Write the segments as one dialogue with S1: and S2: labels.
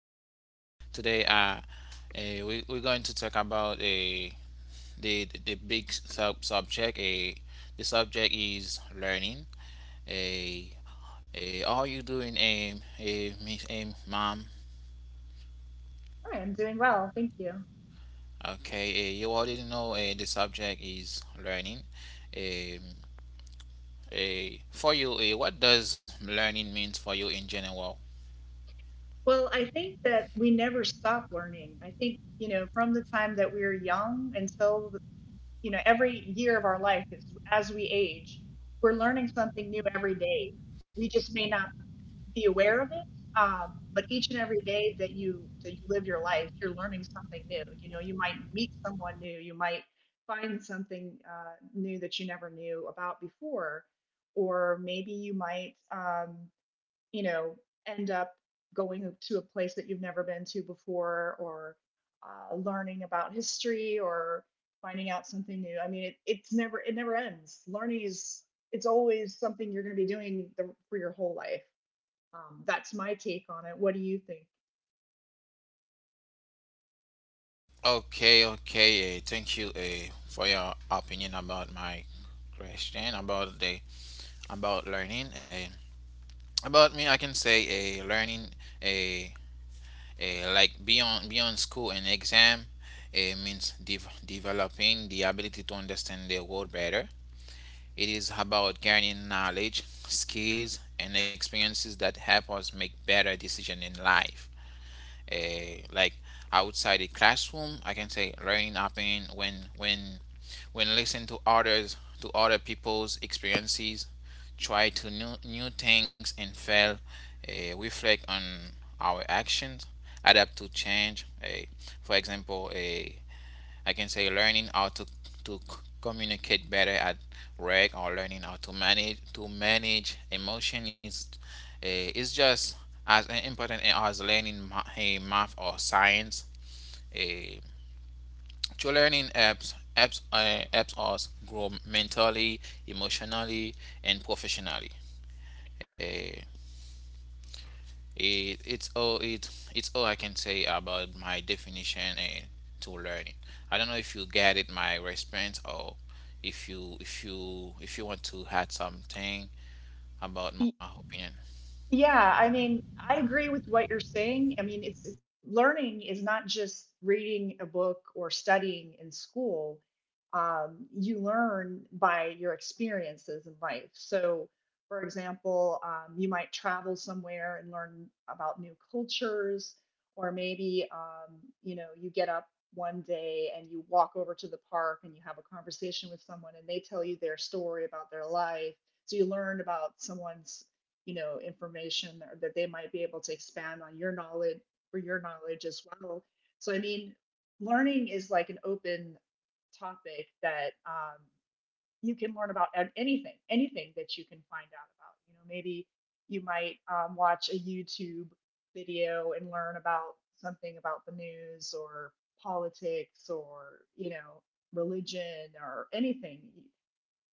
S1: Today, we're going to talk about a the big subject. A The subject is learning. A How you doing, miss, mom?
S2: Hi, I'm doing well. Thank you.
S1: Okay, you already know, the subject is learning. Um, for you, what does learning means for you in general?
S2: Well, I think that we never stop learning. I think, you know, from the time that we're young until, you know, every year of our life is as we age, we're learning something new every day. We just may not be aware of it. But each and every day that you live your life, you're learning something new. You know, you might meet someone new, you might find something new that you never knew about before, or maybe you might you know, end up going to a place that you've never been to before, or learning about history or finding out something new. I mean, it it never ends. Learning is it's always something you're going to be doing for your whole life. That's my take on it. What do you think?
S1: Okay, okay. Thank you for your opinion about my question, about learning. About me, I can say learning, uh, like beyond school and exam, means developing the ability to understand the world better. It is about gaining knowledge, skills, and experiences that help us make better decisions in life. Like outside the classroom, I can say learning happen when listen to others, to other people's experiences, try to new things and fail, reflect on our actions, adapt to change, for example, I can say learning how to communicate better at work, or learning how to manage emotion is, is just as important as learning math or science. Uh, to learning apps us grow mentally, emotionally, and professionally. Uh, it's all I can say about my definition, to learning. I don't know if you get it, my response, or if you want to add something about my opinion.
S2: Yeah, I mean, I agree with what you're saying. I mean, learning is not just reading a book or studying in school. You learn by your experiences in life. So, for example, you might travel somewhere and learn about new cultures, or maybe you know, you get up one day and you walk over to the park and you have a conversation with someone and they tell you their story about their life. So you learn about someone's, you know, information, or that they might be able to expand on your knowledge or your knowledge as well. So I mean, learning is like an open topic that, you can learn about anything that you can find out about. You know, maybe you might watch a YouTube video and learn about something about the news or politics or, you know, religion or anything.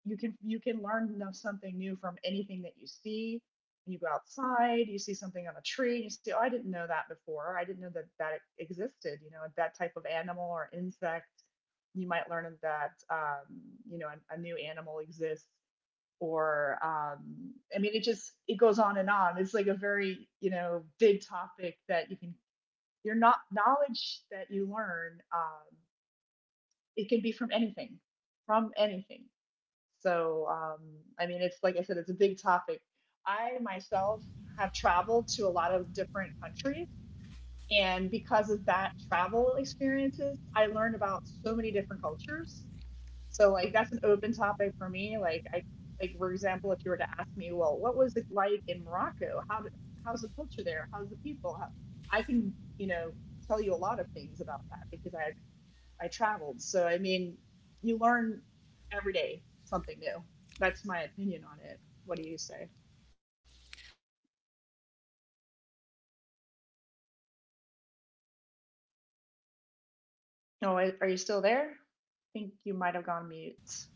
S2: You can learn something new from anything that you see. When you go outside, you see something on a tree, and you say, "Oh, I didn't know that before. I didn't know that that existed." You know, that type of animal or insect. You might learn that, you know, a new animal exists, or I mean, it goes on and on. It's like a very, you know, big topic that you can your not knowledge that you learn. It can be from anything, from anything. So, I mean, it's like I said, it's a big topic. I myself have traveled to a lot of different countries. And because of that travel experiences, I learned about so many different cultures. So, like, that's an open topic for me. Like, I, like for example, if you were to ask me, well, what was it like in Morocco? How did, how's the culture there? How's the people? How, I can, you know, tell you a lot of things about that because I traveled. So I mean, you learn every day something new. That's my opinion on it. What do you say? Oh, are you still there? I think you might have gone mute.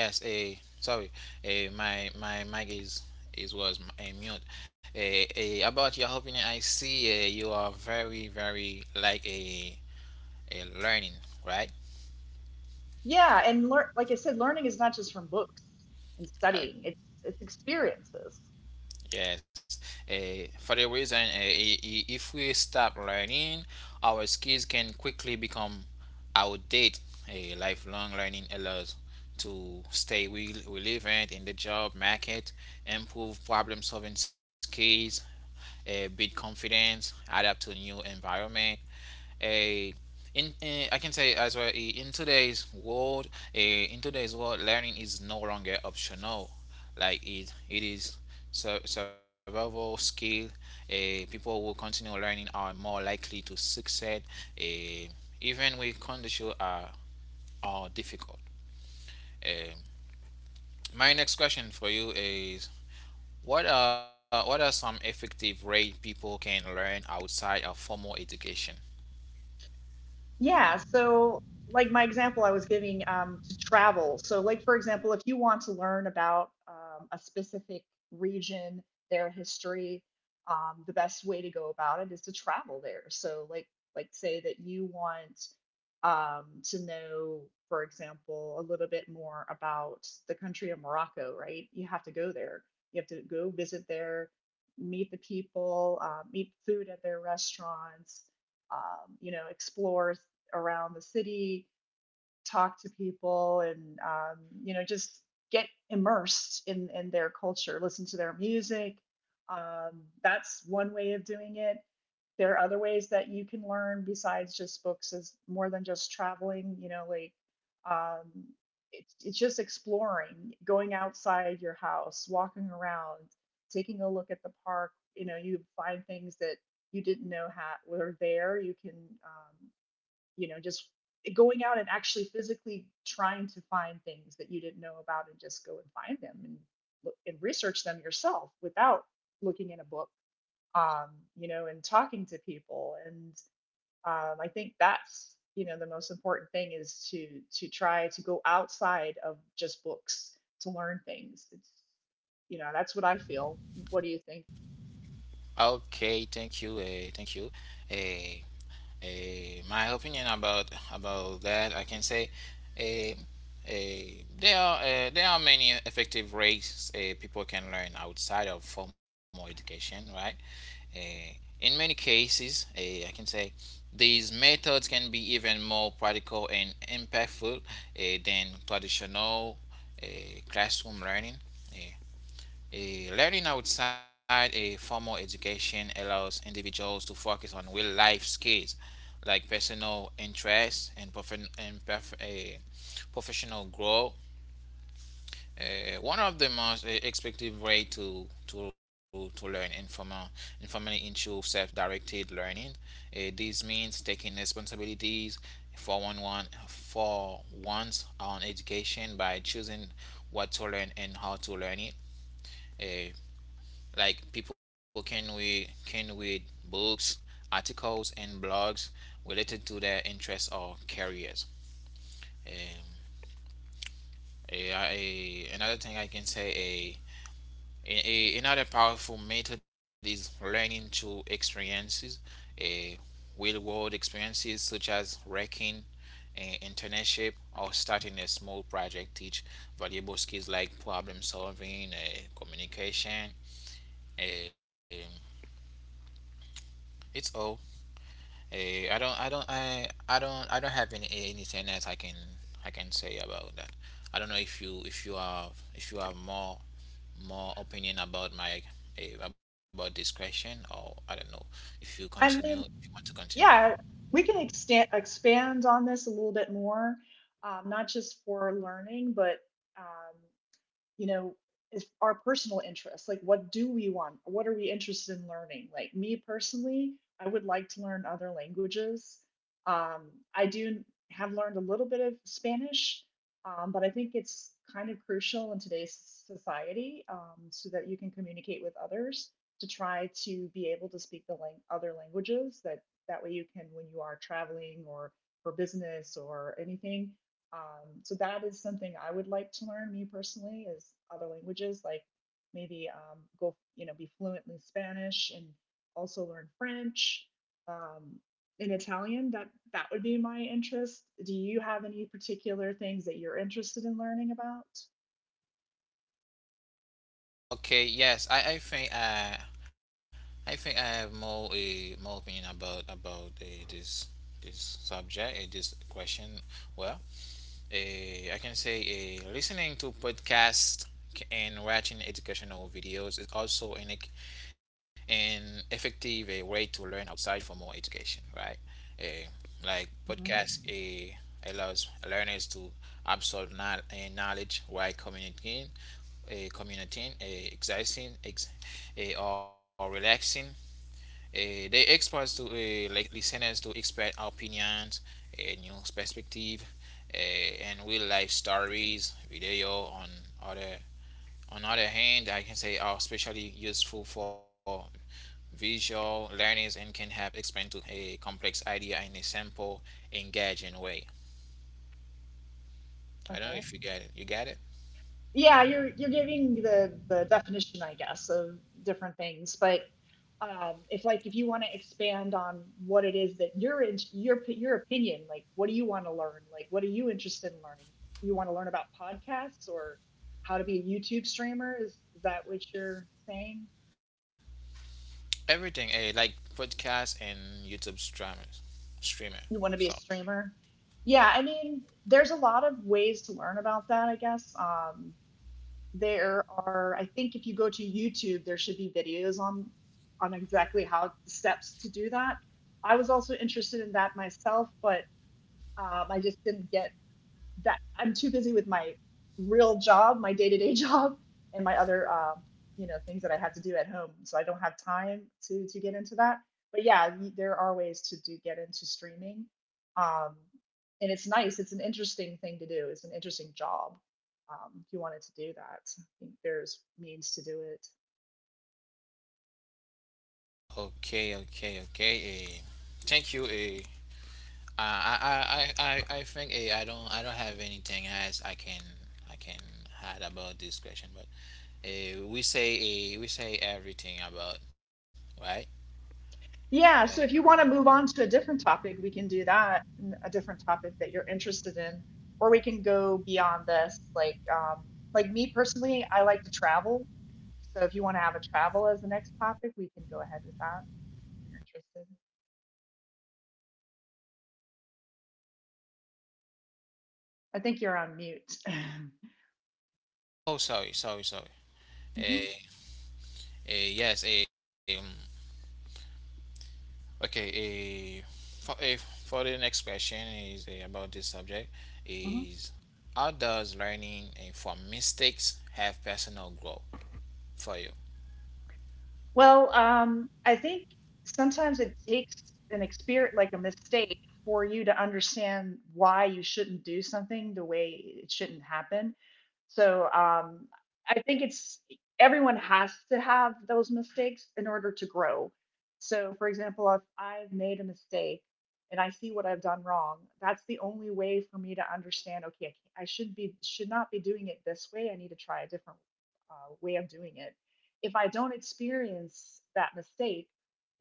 S1: Yes, sorry, my mic is is was, mute. About your opinion, I see, you are very, very like a learning, right?
S2: Yeah, and learn, like I said, learning is not just from books and studying.
S1: Uh,
S2: It's experiences.
S1: yes. For the reason, if we stop learning, our skills can quickly become outdated. A lifelong learning allows to stay relevant in the job market, improve problem solving skills, build confidence, adapt to new environment. A Uh, I can say as well, in today's world, learning is no longer optional. Like, it is survival skill. People who continue learning are more likely to succeed, uh, even when conditions are difficult. Um, my next question for you is, what are some effective ways people can learn outside of formal education?
S2: Yeah. So, like my example I was giving, to travel. So, like for example, if you want to learn about, a specific region, their history, the best way to go about it is to travel there. So, like say that you want, to know, for example, a little bit more about the country of Morocco, right? You have to go there. You have to go visit there, meet the people, meet food at their restaurants, you know, explore around the city, talk to people, and you know, just get immersed in their culture, listen to their music. That's one way of doing it. There are other ways that you can learn besides just books, is more than just traveling. You know, like um, it's just exploring, going outside your house, walking around, taking a look at the park. You know, you find things that you didn't know were there. You can um, you know, just going out and actually physically trying to find things that you didn't know about and just go and find them and look and research them yourself, without looking in a book, um, you know, and talking to people, and I think that's, you know, the most important thing is to try to go outside of just books to learn things. It's, you know, that's what I feel. What do you think?
S1: Okay, thank you, thank you. Uh, my opinion about that, I can say, uh, there are many effective ways, people can learn outside of formal education, right? Uh, in many cases, I can say these methods can be even more practical and impactful, than traditional uh, classroom learning. Uh, Learning outside a formal education allows individuals to focus on real life skills, like personal interests, professional growth. One of the most effective way to learn informally, into self-directed learning. This means taking responsibilities for one's own education by choosing what to learn and how to learn it. Uh, like, people can we can read books, articles, and blogs related to their interests or careers. Um, eh, I- Another thing I can say, A- another powerful method is learning through experiences. A Real world experiences, such as working an internship or starting a small project, teach valuable skills like problem solving, communication. eh, it's all I don't have anything that I can say about that. I don't know if you have more opinion about about this question, or I don't know, if you continue,
S2: I mean,
S1: if you want to continue.
S2: yeah, we can extend, expand on this a little bit more, not just for learning, but um, you know, is our personal interests, like what do we want, what are we interested in learning. Like me personally, I would like to learn other languages. I do have learned a little bit of Spanish. But I think it's kind of crucial in today's society, so that you can communicate with others, to try to be able to speak the other languages. That that way you can when you are traveling or for business or anything. So that is something I would like to learn, me personally, is other languages, like maybe go, you know, be fluently Spanish and also learn French, um, and Italian. That would be my interest. Do you have any particular things that you're interested in learning about?
S1: Okay, yes, I think, I think I have more, more opinion about, this subject, this question. Well, I can say, listening to podcasts and watching educational videos is also an effective, way to learn outside for more education, right? Uh, like
S2: Hmm.
S1: podcast, allows learners to absorb knowledge while communicating, a commuting, a exercising, or relaxing. They expose to, like listeners, to expert opinions, a new perspective, uh, and real life stories, video on other. On other hand, I can say are especially useful for visual learners, and can help explain to a complex idea in a simple, engaging way. I don't know
S2: Okay.
S1: if you get it. You get it?
S2: Yeah, you're giving the definition, I guess, of different things, but if like if you want to expand on what it is that your opinion, like what do you want to learn? Like what are you interested in learning? You want to learn about podcasts or how to be a YouTube streamer? Is that what you're saying?
S1: Everything, like podcast and YouTube streamer.
S2: You
S1: So
S2: want to be a streamer? Yeah, I mean, there's a lot of ways to learn about that. I guess there are. I think if you go to YouTube, there should be videos on exactly how the steps to do that. I was also interested in that myself, but I just didn't get that. I'm too busy with my real job, my day to day job, and my other, you know, things that I have to do at home. So I don't have time to get into that. But yeah, there are ways to do get into streaming, um, and it's nice. It's an interesting thing to do. It's an interesting job, if you wanted to do that. I think there's means to do it.
S1: okay, okay, okay. Thank you. I think, I don't have anything else I can add about this question. But eh, we say, we say everything about, right. I
S2: Yeah, so if you want to move on to a different topic, we can do that, a different topic that you're interested in, or we can go beyond this. Like me personally, I like to travel. So if you want to have a travel as the next topic, we can go ahead with that if you're interested. I think you're on mute.
S1: Oh, sorry, sorry, sorry. Eh,
S2: Mhm,
S1: yes. Okay. For, eh, for the next question is, about this subject
S2: mhm.
S1: is, how does learning, from mistakes have personal growth for you?
S2: Well, I think sometimes it takes an experience, like a mistake, for you to understand why you shouldn't do something the way it shouldn't happen. So I think it's everyone has to have those mistakes in order to grow. So, for example, if I've made a mistake and I see what I've done wrong, that's the only way for me to understand. Okay, can't- I should not be doing it this way. I need to try a different way of doing it if I don't experience that mistake,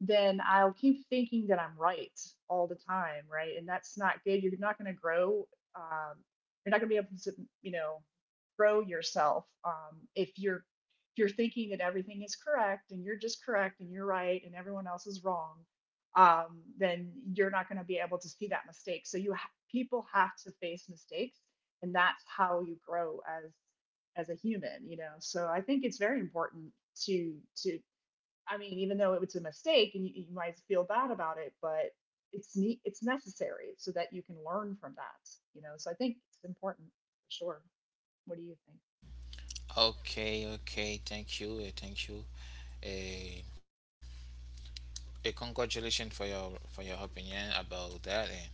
S2: then I'll keep thinking that I'm right all the time, right? And that's not good. You're not going to grow. Um, you're not going to be able to, you know, grow yourself, if you're thinking that everything is correct and you're just correct and you're right and everyone else is wrong. Then you're not going to be able to see that mistake. So people have to face mistakes, and that's how you grow as a human, you know. So I think it's very important to to I mean, even though it's a mistake and you might feel bad about it, but it's necessary so that you can learn from that, you know. So I think it's important for sure. What do you think?
S1: Okay, okay, thank you, thank you. A a Congratulations for your, for your opinion about that. Eh.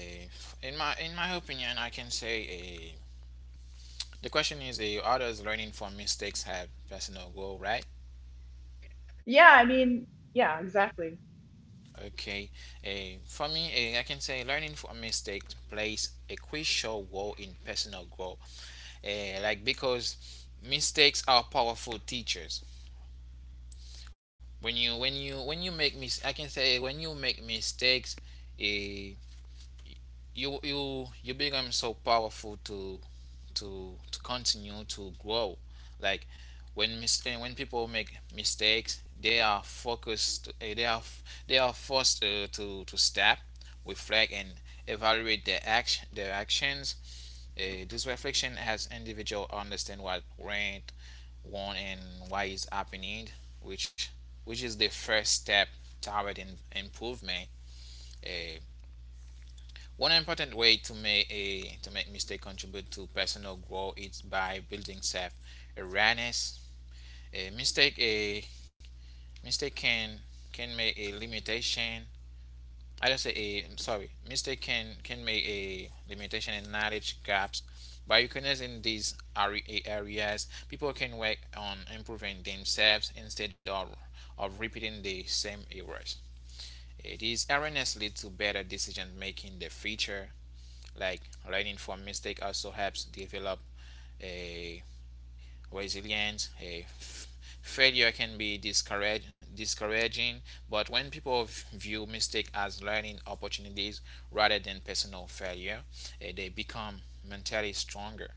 S1: In my opinion, I can say, the question is, how does learning from mistakes have personal growth, right?
S2: Yeah, I mean, yeah, exactly.
S1: Okay, for me, I can say learning from mistakes plays a crucial role in personal growth. Like, because mistakes are powerful teachers. When you when you when you make mis I can say, when you make mistakes, eh, you become so powerful to continue to grow. Like, when people make mistakes, they are focused. They are forced, to stop, reflect, and evaluate their actions. This reflection helps individual understand what went want and what is happening, which which is the first step toward in, improvement. Eh, One important way to make mistake contribute to personal growth is by building self awareness. A mistake can make a limitation. I just say, a sorry, mistake can make a limitation and knowledge gaps. By recognizing these areas, people can work on improving themselves instead of repeating the same errors. These awareness lead to better decision making in the future. Like learning from mistake also helps develop a resilience. A Failure can be discouraging, but when people view mistake as learning opportunities rather than personal failure, they become mentally stronger.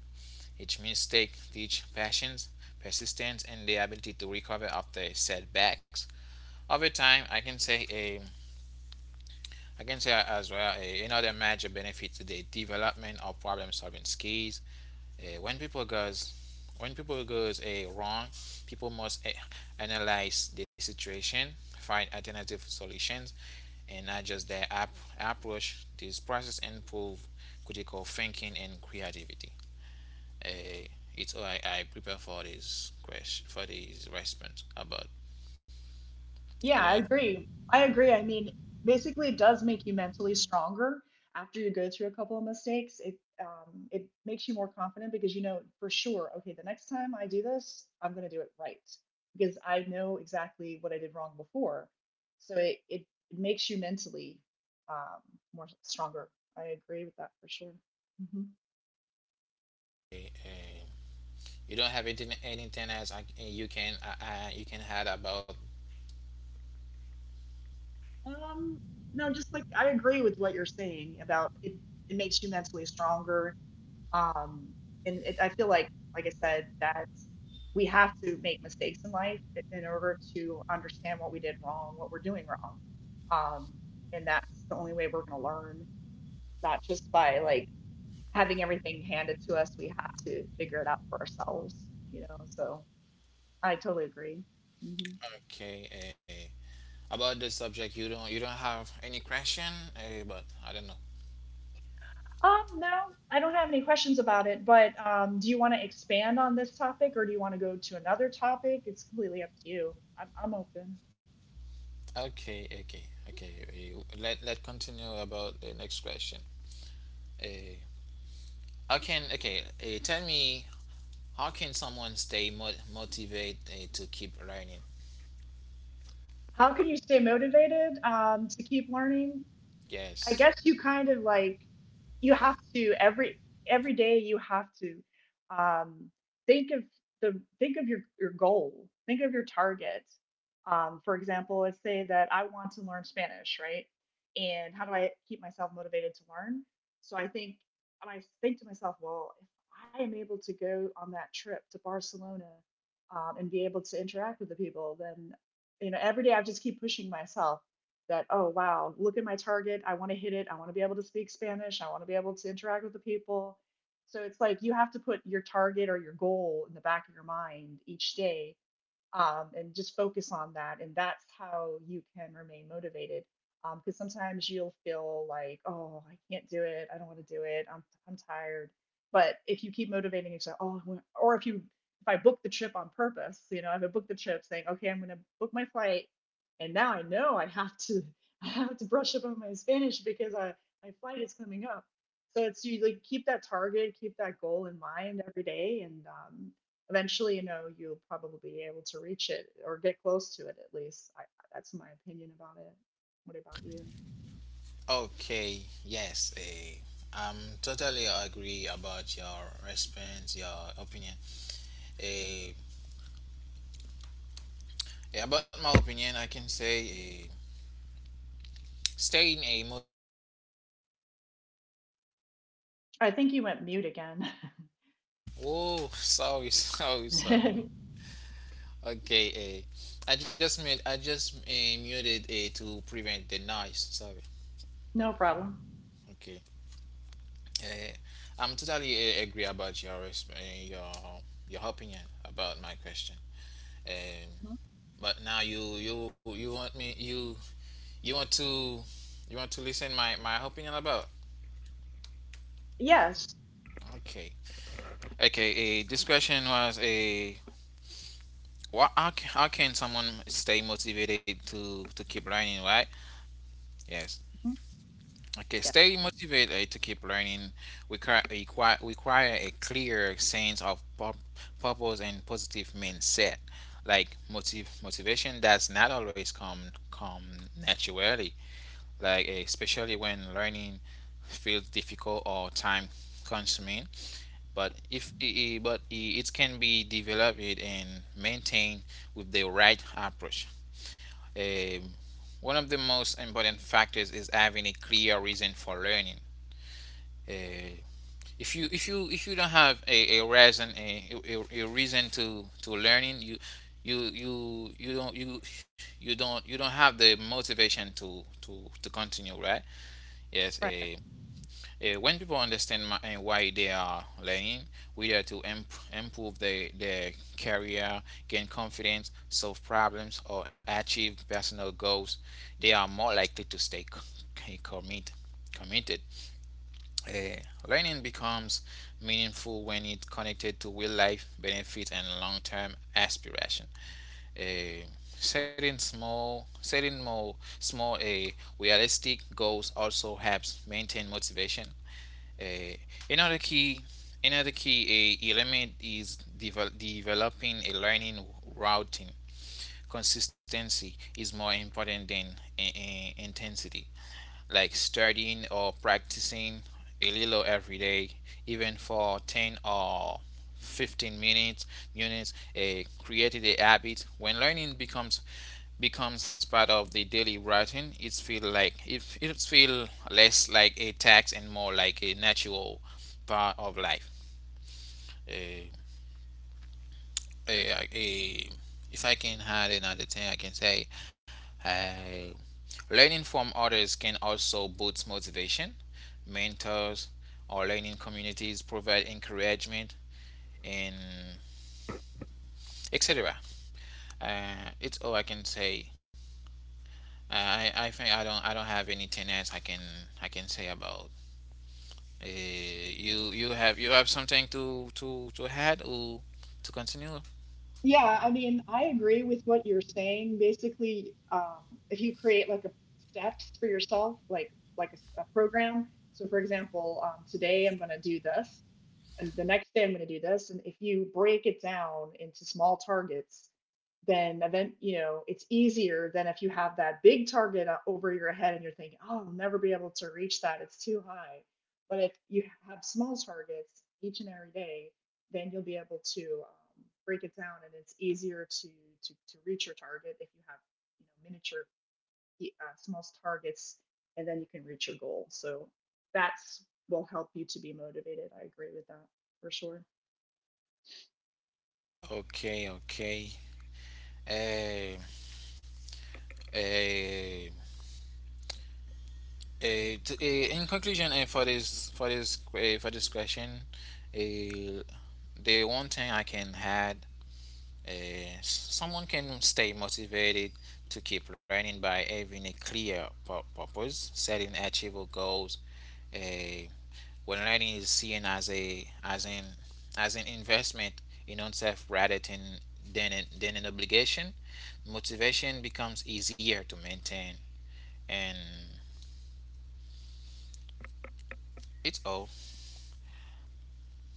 S1: Each mistake teach patience, persistence, and the ability to recover after setbacks. Over time, I can say as well, another major benefit to the development of problem-solving skills. When people goes when people goes a wrong, people must, analyze the situation, find alternative solutions, and adjust their approach. This process improve critical thinking and creativity. Uh, it's all I prepare for this question, for this response about.
S2: Yeah,
S1: I don't
S2: I
S1: know.
S2: agree. I agree. I mean, basically, it does make you mentally stronger after you go through a couple of mistakes. It makes you more confident because you know for sure, okay, the next time I do this, I'm going to do it right because I know exactly what I did wrong before. So makes you mentally, um, more stronger. I agree with that for sure. Hmm.
S1: If, you don't have anything else, you can, you can add about.
S2: Um, no, just like I agree with what you're saying about it. It makes you mentally stronger. Um, and I feel like I said, that we have to make mistakes in life in order to understand what we did wrong, what we're doing wrong. Um, and that's the only way we're going to learn, not just by like having everything handed to us. We have to figure it out for ourselves, So I totally agree. Hmm.
S1: Okay. About this subject, you don't have any question, but I don't know.
S2: No, I don't have any questions about it, but do you want to expand on this topic or do you want to go to another topic? It's completely up to you. I'm open.
S1: Okay, okay, okay, let continue about the next question. uh, how can okay Tell me, how can someone stay motivated, to keep running?
S2: How can you stay motivated to keep learning? I guess
S1: Yes.
S2: you kind of like you have to every day you have to um, think of the think of your goal, think of your target. For example, let's say that I want to learn Spanish, right? And how do I keep myself motivated to learn? So I think and I think to myself, well, if I am able to go on that trip to Barcelona and be able to interact with the people, then you know every day I just keep pushing myself that oh wow look at my target, I want to hit it, I want to be able to speak Spanish, I want to be able to interact with the people. So it's like you have to put your target or your goal in the back of your mind each day, and just focus on that. And that's how you can remain motivated. Because sometimes you'll feel like, oh, I can't do it. I don't want to do it. I'm tired. But if you keep motivating yourself, oh, or if I book the trip on purpose, you know, if I book the trip saying, okay, I'm going to book my flight, and now I know I have to I have to brush up on my Spanish because I my flight is coming up. So it's you like keep that target, keep that goal in mind every day, and eventually, you know, you'll probably be able to reach it or get close to it at least. That's my opinion about it. What about you?
S1: Okay, yes, I'm totally agree about your response, your opinion. uh, about my opinion, I can say, staying a
S2: I think you went mute again.
S1: oh, sorry, sorry, sorry. Okay, I just, muted, to prevent the noise. Sorry.
S2: No problem.
S1: Okay. Uh, I'm totally, agree about your, your opinion about my question. Um,
S2: Mhm.
S1: but now, you want me, you want to, listen my opinion about.
S2: Yes.
S1: Okay. Okay, this question was, a what how can someone stay motivated to keep learning, right? Yes.
S2: Mhm.
S1: Okay,
S2: Yeah.
S1: stay motivated to keep learning require a clear sense of purpose and positive mindset. Like, motivation does not always come naturally. Like, especially when learning feels difficult or time consuming. But if I- I- but I- it can be developed and maintained with the right approach. Um, One of the most important factors is having a clear reason for learning. uh, if you don't have a reason, a reason to learning, you you you don't you you don't have the motivation to continue, right? Yes.
S2: Right.
S1: A When people understand my, and why they are learning, whether to improve their career, gain confidence, solve problems, or achieve personal goals, they are more likely to stay c- commit committed. uh, Learning becomes meaningful when it's connected to real life benefit and long term aspiration. Uh, Setting more small, realistic goals also helps maintain motivation. Uh, Another key, another key element is developing a learning routine. Consistency is more important than intensity, like studying or practicing a little every day, even for 10 or 15 minutes units a created a habit. When learning becomes part of the daily routine, it feel like if it feel less like a tax and more like a natural part of life. Uh, a If I can add another thing, I can say uh, learning from others can also boost motivation. Mentors or learning communities provide encouragement and etc. It's all I can say. I think I don't have anything else I can say about. You have you have something to to add or to continue?
S2: Yeah, I mean, I agree with what you're saying. Basically, if you create like a steps for yourself, like a program. So, for example, today I'm going to do this, and the next day I'm going to do this. And if you break it down into small targets, then event you know it's easier than if you have that big target over your head and you're thinking, oh, I'll never be able to reach that. It's too high. But if you have small targets each and every day, then you'll be able to break it down, and it's easier to to reach your target if you have you know miniature small targets, and then you can reach your goal. So that's will help you to be motivated. I agree with that for sure.
S1: Okay, okay. Uh, uh, in conclusion, for this for this question, uh, the one thing I can add, someone can stay motivated to keep learning by having a clear purpose, setting achievable goals. Uh, when learning is seen as a as an investment in oneself rather than than an obligation, motivation becomes easier to maintain, and it's all.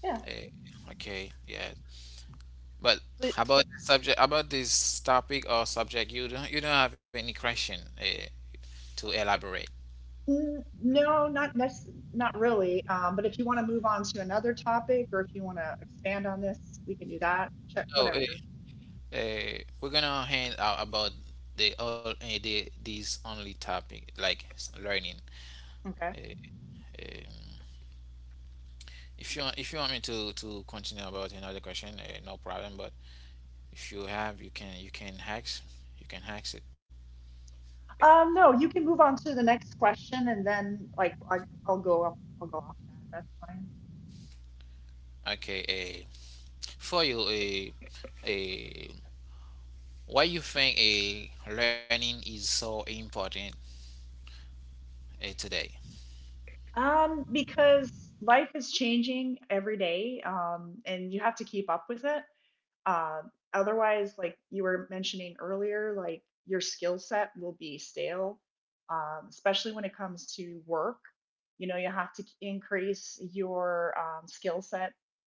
S2: Yeah.
S1: Eh, okay, yeah. But
S2: But
S1: about the subject, about this topic or subject, you don't have any question to elaborate.
S2: mm, no, not really. But if you want to move on to another topic, or if you want to expand on this, we can do that. Check
S1: Oh,
S2: whatever.
S1: we're gonna hand out about the all eh, the this only topic like learning.
S2: Okay.
S1: Eh, um, if you want me to continue about another question, eh, no problem. But if you have, you can hack it.
S2: No, you can move on to the next question, and then I'll go up. I'll go off that. That's fine.
S1: Okay, eh, for you, a why you think a learning is so important eh, today?
S2: Because life is changing every day, and you have to keep up with it. Uh, otherwise, like you were mentioning earlier, like your skill set will be stale, especially when it comes to work. You know, you have to increase your skill set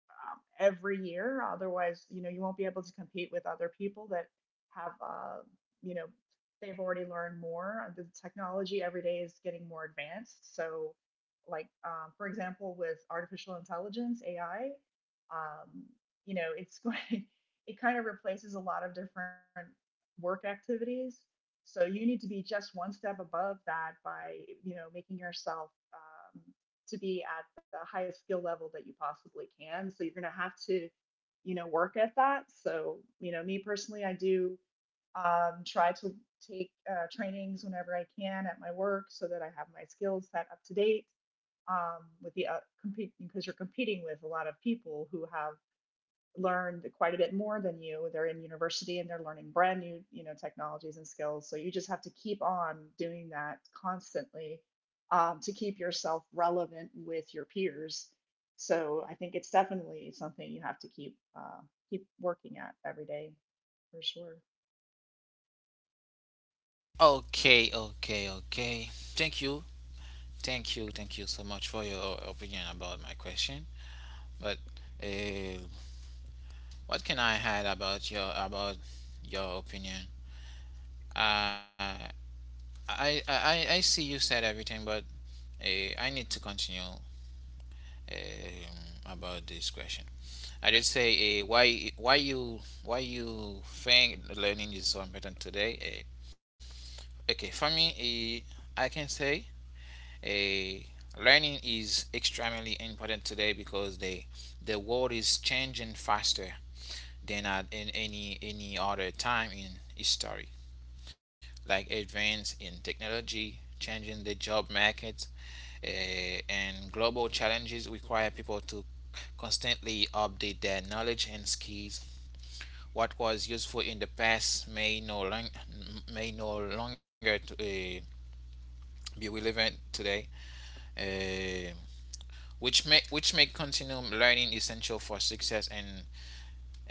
S2: every year. Otherwise, you know, you won't be able to compete with other people that have, you know, they've already learned more. The technology every day is getting more advanced. So, like for example, with artificial intelligence (AI), um, you know, it's going, it kind of replaces a lot of different work activities. So you need to be just one step above that by, you know, making yourself to be at the highest skill level that you possibly can. So you're going to have to, you know, work at that. So, you know, me personally, I do try to take trainings whenever I can at my work so that I have my skills set up to date with the compete because you're competing with a lot of people who have learned quite a bit more than you. They're in university and they're learning brand new, you know, technologies and skills. So you just have to keep on doing that constantly to keep yourself relevant with your peers. So I think it's definitely something you have to keep keep working at every day for sure.
S1: Okay, okay, okay. Thank you, thank you, thank you so much for your opinion about my question. But uh, what can I add about your opinion? Uh, I see you said everything, but I need to continue um, about this question. I did say why you think learning is so important today? Okay, for me, eh, I can say eh, learning is extremely important today because the world is changing faster than at in any other time in history. Like advance in technology, changing the job market, eh, and global challenges require people to constantly update their knowledge and skills. What was useful in the past may may no longer to, eh, be relevant today. uh, which make continual learning essential for success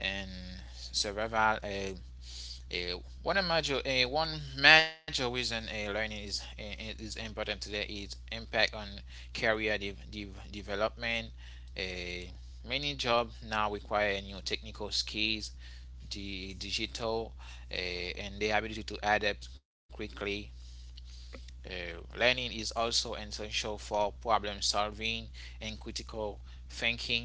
S1: and survival. Uh, One major reason learning is important today is impact on career development. Uh, Many jobs now require new technical skills, the digital, uh, and the ability to adapt quickly. Learning is also essential for problem solving and critical thinking.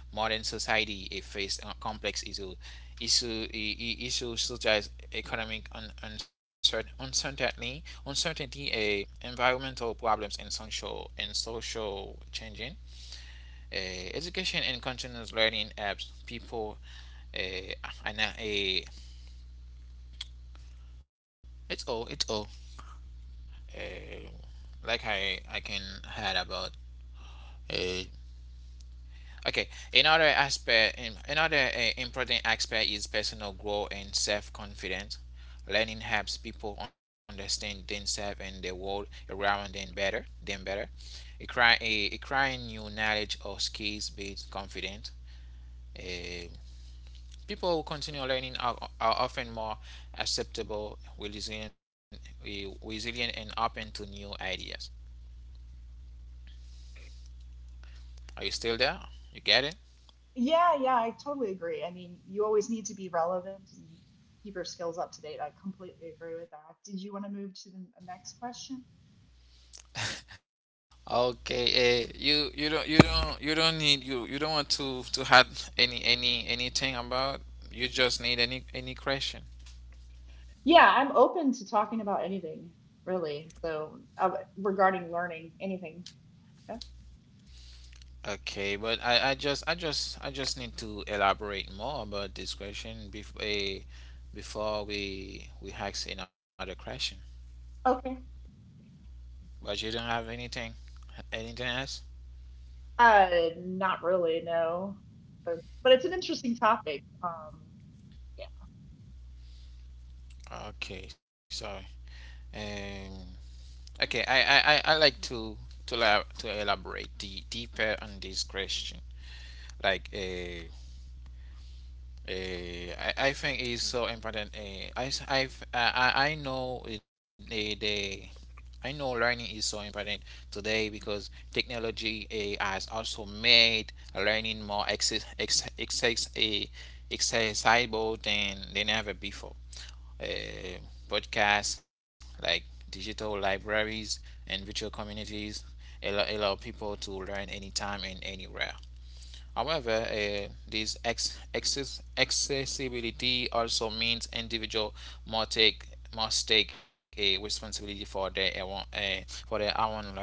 S1: Modern society faces complex issue, issue, I- issues such as economic uncertainty, environmental problems, and social changing. Uh, Education and continuous learning helps people. Uh, and uh, eh, it's all Uh, like I can add about. uh, Okay, another aspect, another important aspect is personal growth and self confidence. Learning helps people understand themselves and the world around them better. Acquiring new knowledge or skills builds confidence. Eh, People who continue learning are often more acceptable, resilient, resilient, and open to new ideas. Are you still there? You get it?
S2: Yeah, yeah, I totally agree. I mean, you always need to be relevant and keep your skills up to date. I completely agree with that. Did you want to move to the next question?
S1: Okay, you don't you don't need you don't want to add any anything about you just need any question.
S2: Yeah, I'm open to talking about anything, really. So, regarding learning, anything. Yeah.
S1: Okay, but I just I just need to elaborate more about this question before before we ask another question.
S2: Okay.
S1: But you don't have anything anything else?
S2: Uh, not really, no. But it's an interesting topic. Yeah.
S1: Okay, sorry. Um, okay, I like to to elaborate deeper on this question. Like, Uh, I think it's so important. I know it- the I know learning is so important today because technology has also made learning more accessible than ever before. Uh, Podcasts like digital libraries and virtual communities allow people to learn anytime and anywhere. However, this accessibility also means individual must take must take a responsibility for for their own learning.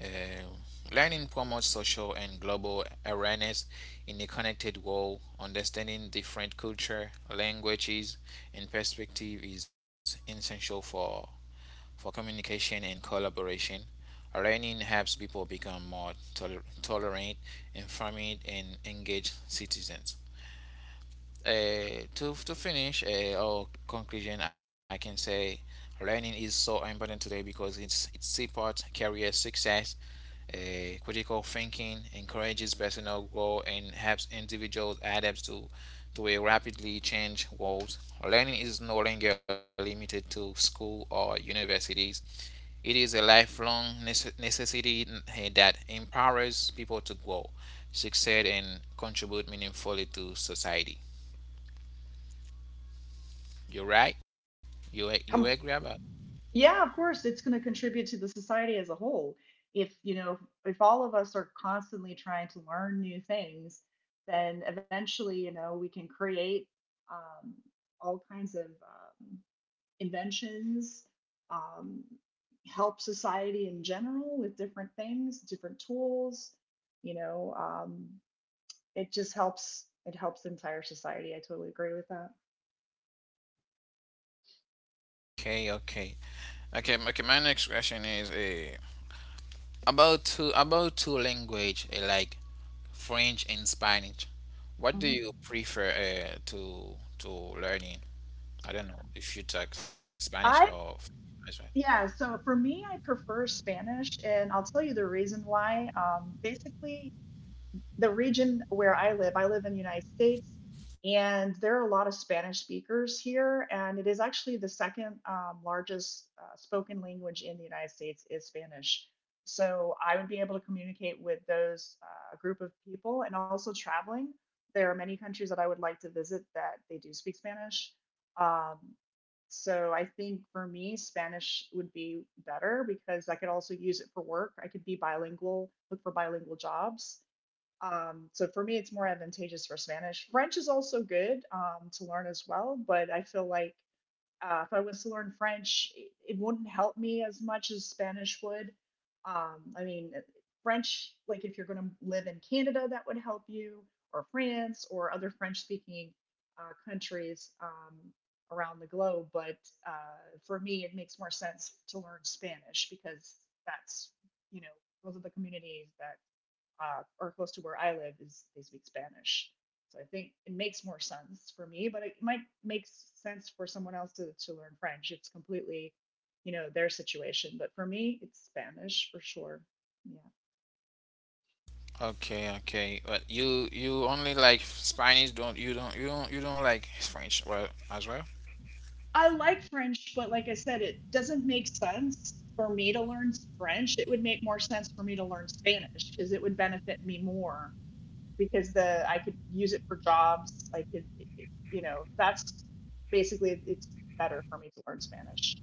S1: Uh, Learning promotes social and global awareness in a connected world. Understanding different culture, languages, and perspective is essential for communication and collaboration. Learning helps people become more tolerant, informed, and engaged citizens. To finish our conclusion, I can say learning is so important today because it supports career success, critical thinking, encourages personal growth, and helps individuals adapt to a rapidly changing world. Learning is no longer limited to school or universities. It is a lifelong necessity eh, that empowers people to grow, succeed, and contribute meaningfully to society. You're right. You agree
S2: Um,
S1: about?
S2: yeah, of course, it's going to contribute to the society as a whole. If you know, if all of us are constantly trying to learn new things, then eventually, you know, we can create um, all kinds of inventions, um, help society in general with different things, different tools. You know, it just helps. It helps the entire society. I totally agree with that.
S1: Okay, okay, okay, okay. My next question is about two language eh, like French and Spanish. What do
S2: Mhm.
S1: you prefer to learning? I don't know if you talk Spanish or
S2: I
S1: French, right?
S2: Yeah, so for me, I prefer Spanish, and I'll tell you the reason why. Basically, the region where I live in the United States, and there are a lot of Spanish speakers here, and it is actually the second largest spoken language in the United States is Spanish. So I would be able to communicate with those group of people, and also traveling. There are many countries that I would like to visit that they do speak Spanish. Um, so I think for me, Spanish would be better because I could also use it for work. I could be bilingual, look for bilingual jobs. So for me, it's more advantageous for Spanish. French is also good to learn as well, but I feel like if I was to learn French, it wouldn't help me as much as Spanish would. I mean, French, like if you're going to live in Canada, that would help you, or France, or other French speaking countries around the globe. But for me, it makes more sense to learn Spanish because that's, you know, those are the communities that or close to where I live is they speak Spanish. So I think it makes more sense for me, but it might make sense for someone else to learn French. It's completely, you know, their situation. But for me, it's Spanish for sure. Yeah.
S1: Okay, okay. But you only like Spanish, don't you don't you don't like French well as well?
S2: I like French, but like I said, it doesn't make sense for me to learn French. It would make more sense for me to learn Spanish because it would benefit me more because the I could use it for jobs. I could, eh, you know, that's basically it's better for me to learn Spanish.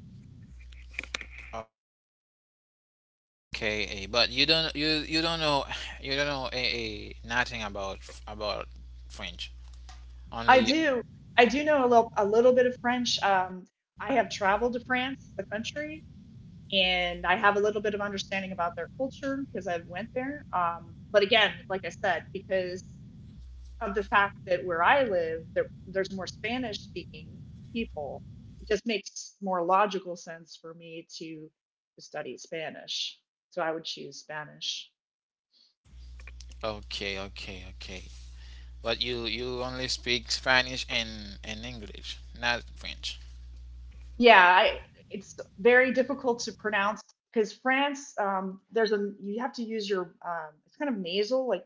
S1: Okay, eh, but you you don't know you don't know eh, eh, nothing about about French.
S2: I
S1: Only
S2: do I do know a little bit of French. I have traveled to France, the country, and I have a little bit of understanding about their culture because I went there. But again, like I said, because of the fact that where I live, there's more Spanish speaking people. It just makes more logical sense for me to study Spanish. So I would choose Spanish.
S1: okay, okay, okay. But you only speak Spanish and English, not French.
S2: Yeah, it's very difficult to pronounce because France, there's a you have to use your it's kind of nasal, like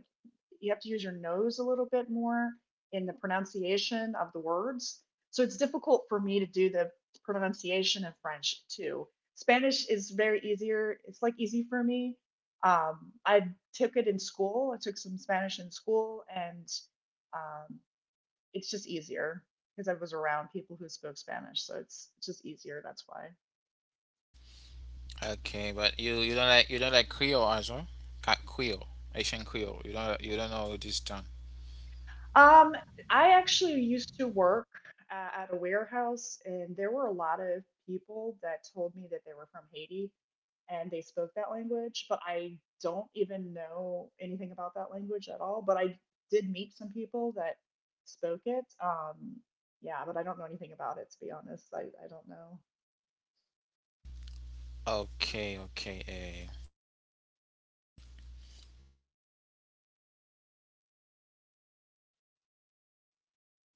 S2: you have to use your nose a little bit more in the pronunciation of the words. So it's difficult for me to do the pronunciation in French too. Spanish is very easier. It's like easy for me. I took it in school. I took some Spanish in school, and um, it's just easier because I was around people who spoke Spanish, so it's just easier. That's why.
S1: Okay, but you you don't like Creole as well? Creole, Asian Creole. You don't know this tongue.
S2: Um, I actually used to work at a warehouse, and there were a lot of people that told me that they were from Haiti and they spoke that language, but I don't even know anything about that language at all. But I did meet some people that spoke it. Yeah, but I don't know anything about it to be honest. I don't know.
S1: Okay, okay. Eh.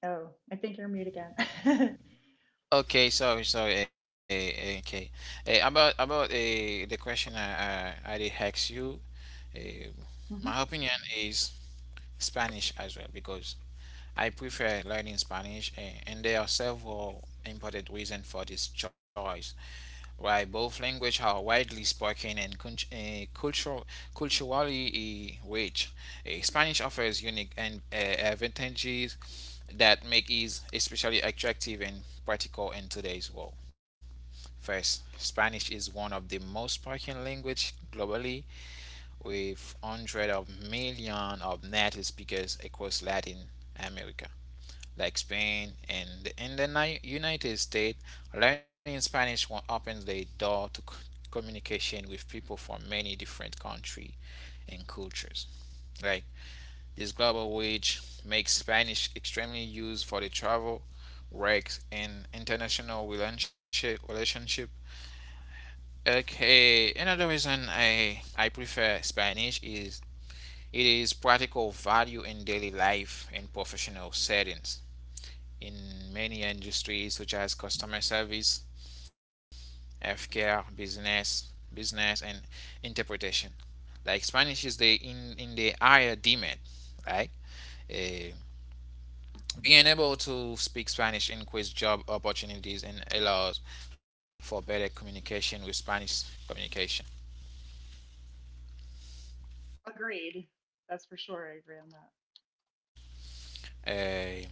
S2: Oh, I think you're mute again.
S1: Okay, sorry, sorry. Okay, about the question I did ask you. Uh,
S2: hmm
S1: my opinion is Spanish as well because I prefer learning Spanish, and there are several important reasons for this choice. Why both languages are widely spoken and culturally rich. Spanish offers unique and advantages that make it especially attractive and practical in today's world. First, Spanish is one of the most spoken language globally, with hundreds of millions of native speakers across Latin America, like Spain and in the United States. Learning Spanish opens the door to communication with people from many different countries and cultures. Like this global wage makes Spanish extremely used for the travel, work, and international relationship. Okay, another reason I prefer Spanish is it is practical value in daily life and professional settings. In many industries such as customer service, healthcare, business and interpretation. Like Spanish is the in the higher demand, right? Eh, being able to speak Spanish increases job opportunities and allows for better communication with Spanish communication.
S2: Agreed. That's for sure. I agree on that.
S1: Uh,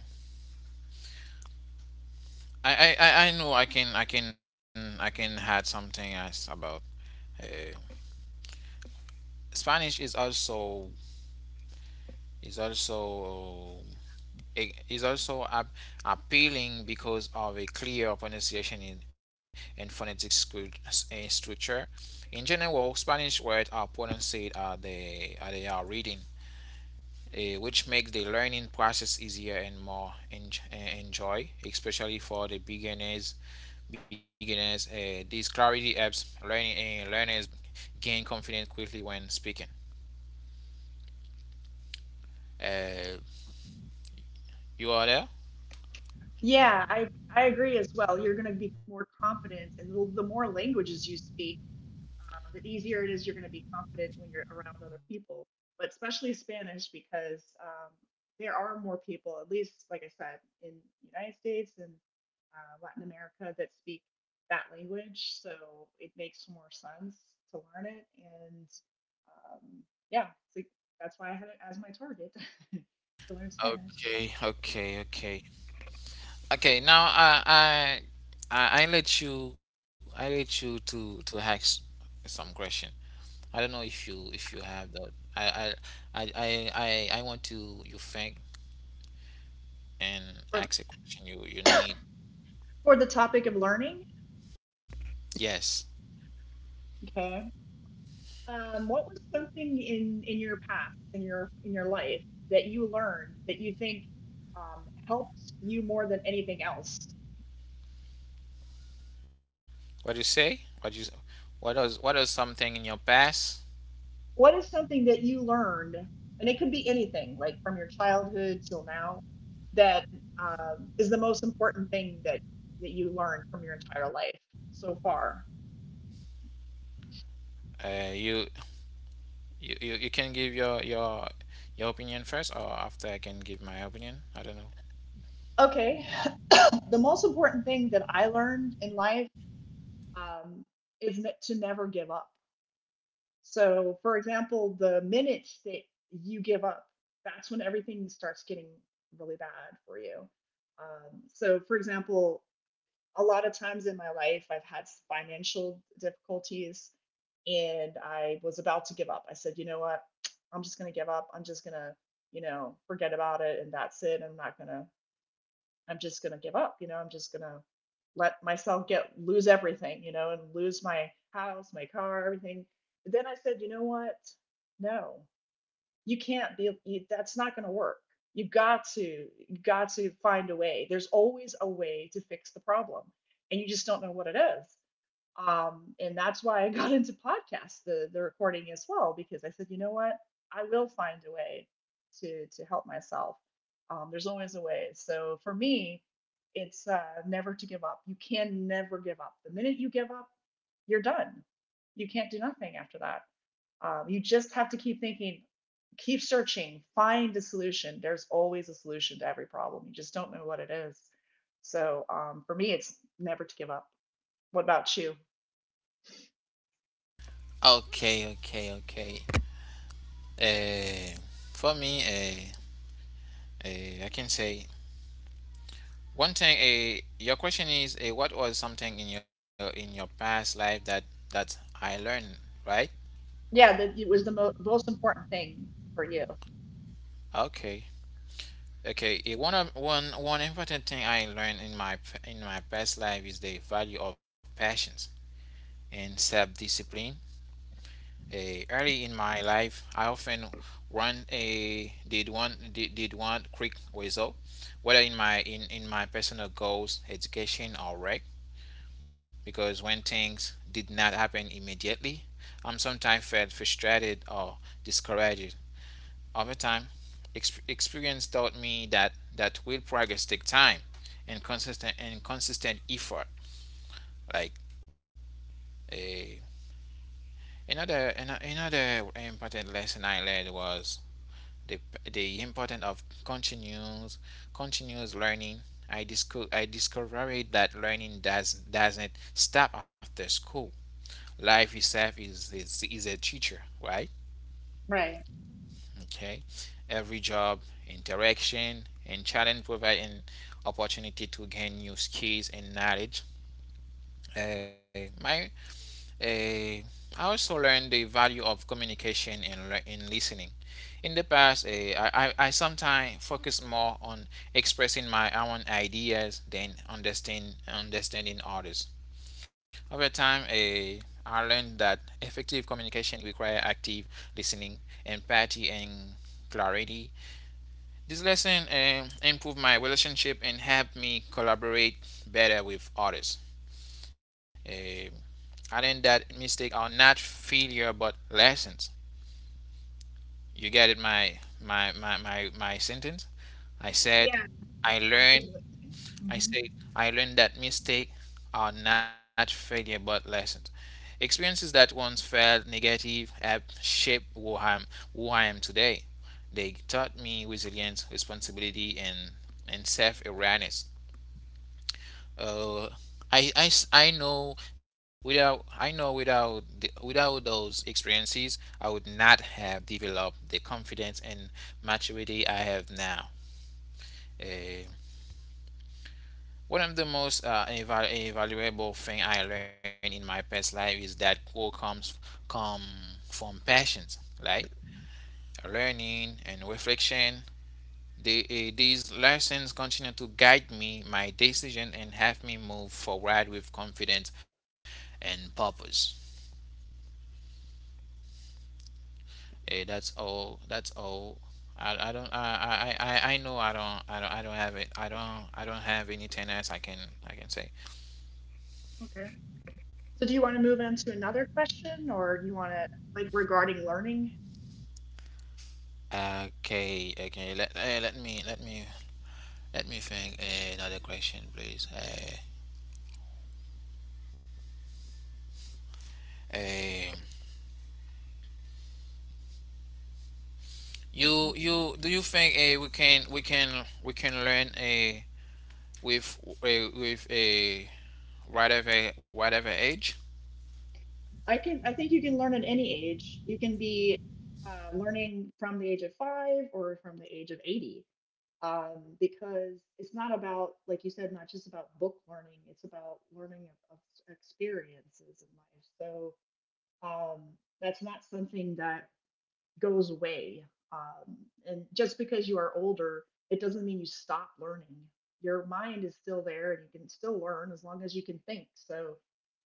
S1: I know I can add something else about uh, Spanish. Is also is also it is also appealing because of a clear pronunciation in, and phonetic structure. In general, Spanish words are pronounced as they are reading, eh, which makes the learning process easier and more enjoy, especially for the beginners. Beginners, this clarity helps learners gain confidence quickly when speaking. Uh, you are there?
S2: Yeah, I agree as well. You're going to be more confident, and the more languages you speak, the easier it is you're going to be confident when you're around other people, but especially Spanish because there are more people, at least, like I said, in the United States and Latin America that speak that language. So it makes more sense to learn it. And um, yeah, it's like, that's why I had it as my target to learn Spanish.
S1: Okay, okay, okay, okay. Now I let you to ask some question. I don't know if you have that. I I I I I want to you think and
S2: for,
S1: ask a question you you need.
S2: for the topic of learning.
S1: Yes.
S2: Okay. What was something in your past, in your life that you learned that you think helped you more than anything else?
S1: What do you say? What do you what does something in your past
S2: What is something that you learned, and it could be anything, like from your childhood till now, that is the most important thing that you learned from your entire life so far?
S1: you you can give your opinion first, or after I can give my opinion. I don't know.
S2: Okay. The most important thing that I learned in life um, is to never give up. So, for example, the minutes that you give up, that's when everything starts getting really bad for you. So, for example, a lot of times in my life, I've had financial difficulties and I was about to give up. I said, you know what? I'm just going to give up. I'm just going to, forget about it, and that's it. I'm not going to I'm just gonna give up. I'm just gonna let myself get lose everything. And lose my house, my car, everything. But then I said, you know what? No, you can't be. That's not gonna work. You got to you got to find a way. There's always a way to fix the problem, and you just don't know what it is. And that's why I got into podcasts, the recording as well, because I said, you know what, I will find a way to help myself. There's always a way. So for me, it's never to give up. You can never give up. The minute you give up, you're done. You can't do nothing after that. You just have to keep thinking, keep searching, find a solution. There's always a solution to every problem. You just don't know what it is. So, for me, it's never to give up. What about you?
S1: Okay, okay, okay. Uh, for me, uh, I can say one thing. Your question is, what was something in your past life that that I learned, right?
S2: Yeah, that it was the most important thing for you.
S1: Okay, okay. One of one One important thing I learned in my past life is the value of patience and self discipline. Early in my life, I often want a did one quick result, whether in my in my personal goals, education, or work. Because when things did not happen immediately, I'm sometimes felt frustrated or discouraged. Over time, experience taught me that that real progress take time and consistent effort. Like a another another important lesson I learned was the, the importance of continuous continuous learning. I discovered that doesn't stop after school. Life itself is a teacher, right?
S2: Right.
S1: Okay. Every job, interaction, and challenge provide an opportunity to gain new skills and knowledge. Uh, my, I also learned the value of communication and listening. In the past, I sometimes focus more on expressing my own ideas than understanding others. Over time, I learned that effective communication requires active listening, empathy, and clarity. This lesson improved my relationship and helped me collaborate better with others. Eh, I learned that mistakes are not failure but lessons. You get it, my sentence. I said,
S2: Yeah,
S1: I
S2: active
S1: learned,
S2: listening.
S1: I
S2: Mm-hmm.
S1: said, I learned that mistakes are not failure but lessons. Experiences that once felt negative have shaped who I am today. They taught me resilience, responsibility, and self awareness. Uh, I know without without those experiences I would not have developed the confidence and maturity I have now. Uh, One of the most invaluable thing I learned in my past life is that growth come from passions, like learning and reflection. The, eh, these lessons continue to guide me, my decision, and help me move forward with confidence and purpose. That's all. That's all. I don't. I know. I don't. I don't. I don't have it. I don't. I don't have anything else. I can. I can say.
S2: Okay. So, do you want to move on to another question, or do you want to, like, regarding learning?
S1: Okay, okay. Let eh, let me let me Let me think another question, please. Eh, you you do you think we can learn with a whatever age?
S2: I can. I think you can learn at any age. You can be learning from the age of 5 or from the age of 80, because it's not about, like you said, not just about book learning. It's about learning of experiences in life. So um, that's not something that goes away. Um, and just because you are older, it doesn't mean you stop learning. Your mind is still there and you can still learn as long as you can think. So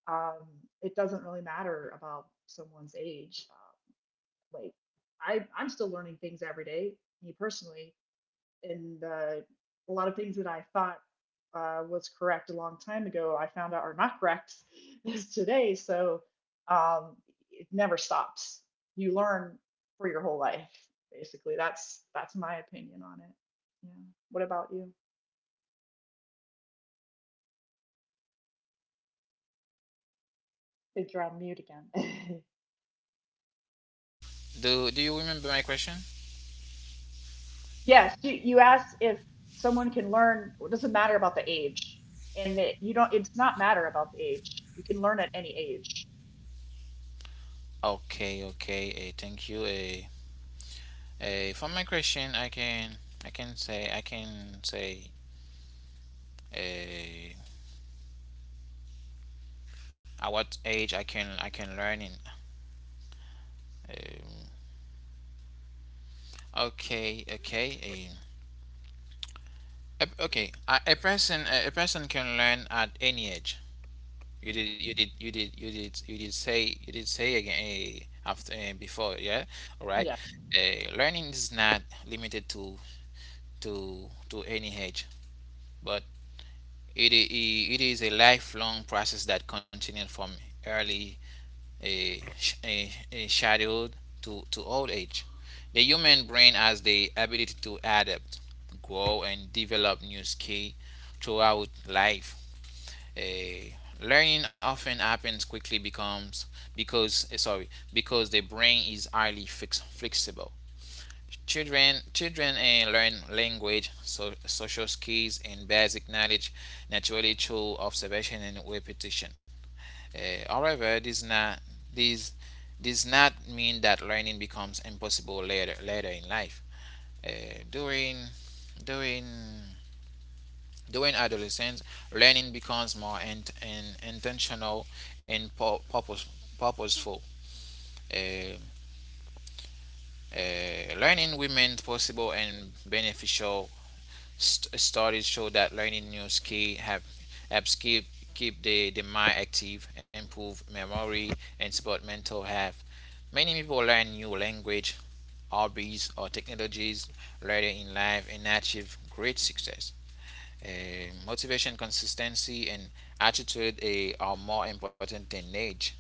S2: um, it doesn't really matter about someone's age. Like I'm still learning things every day, me personally, and a lot of things that I thought was correct a long time ago, I found out are not correct today. So um, it never stops. You learn for your whole life, basically. That's my opinion on it. Yeah. What about you? I think you're on mute again.
S1: Do you remember my question?
S2: Yes, you asked if someone can learn. It doesn't matter about the age, and that you don't. It's not matter about the age. You can learn at any age.
S1: Okay, okay. eh, thank you. For my question, I can say eh, at what age I can learn in. Um, okay, okay. Um, Okay, a person can learn at any age. You did you did you did you did you did say You did say again after before, yeah, all right.
S2: Yeah.
S1: Learning is not limited to any age, but it is a lifelong process that continues from early uh, sh- uh, childhood to old age. The human brain has the ability to adapt, grow, and develop new skills throughout life. A Learning often happens quickly becomes because eh, sorry because the brain is highly flexible. Children learn language, so, social skills, and basic knowledge naturally through observation and repetition. However, this not this does not mean that learning becomes impossible later in life. Eh, during during during adolescence, learning becomes more intentional and purposeful. Uh, Learning remains possible and beneficial. Studies show that learning new skills have helps keep the mind active, improve memory, and support mental health. Many people learn new language, hobbies, or technologies later in life and achieve great success. Motivation, consistency, and attitude are more important than age.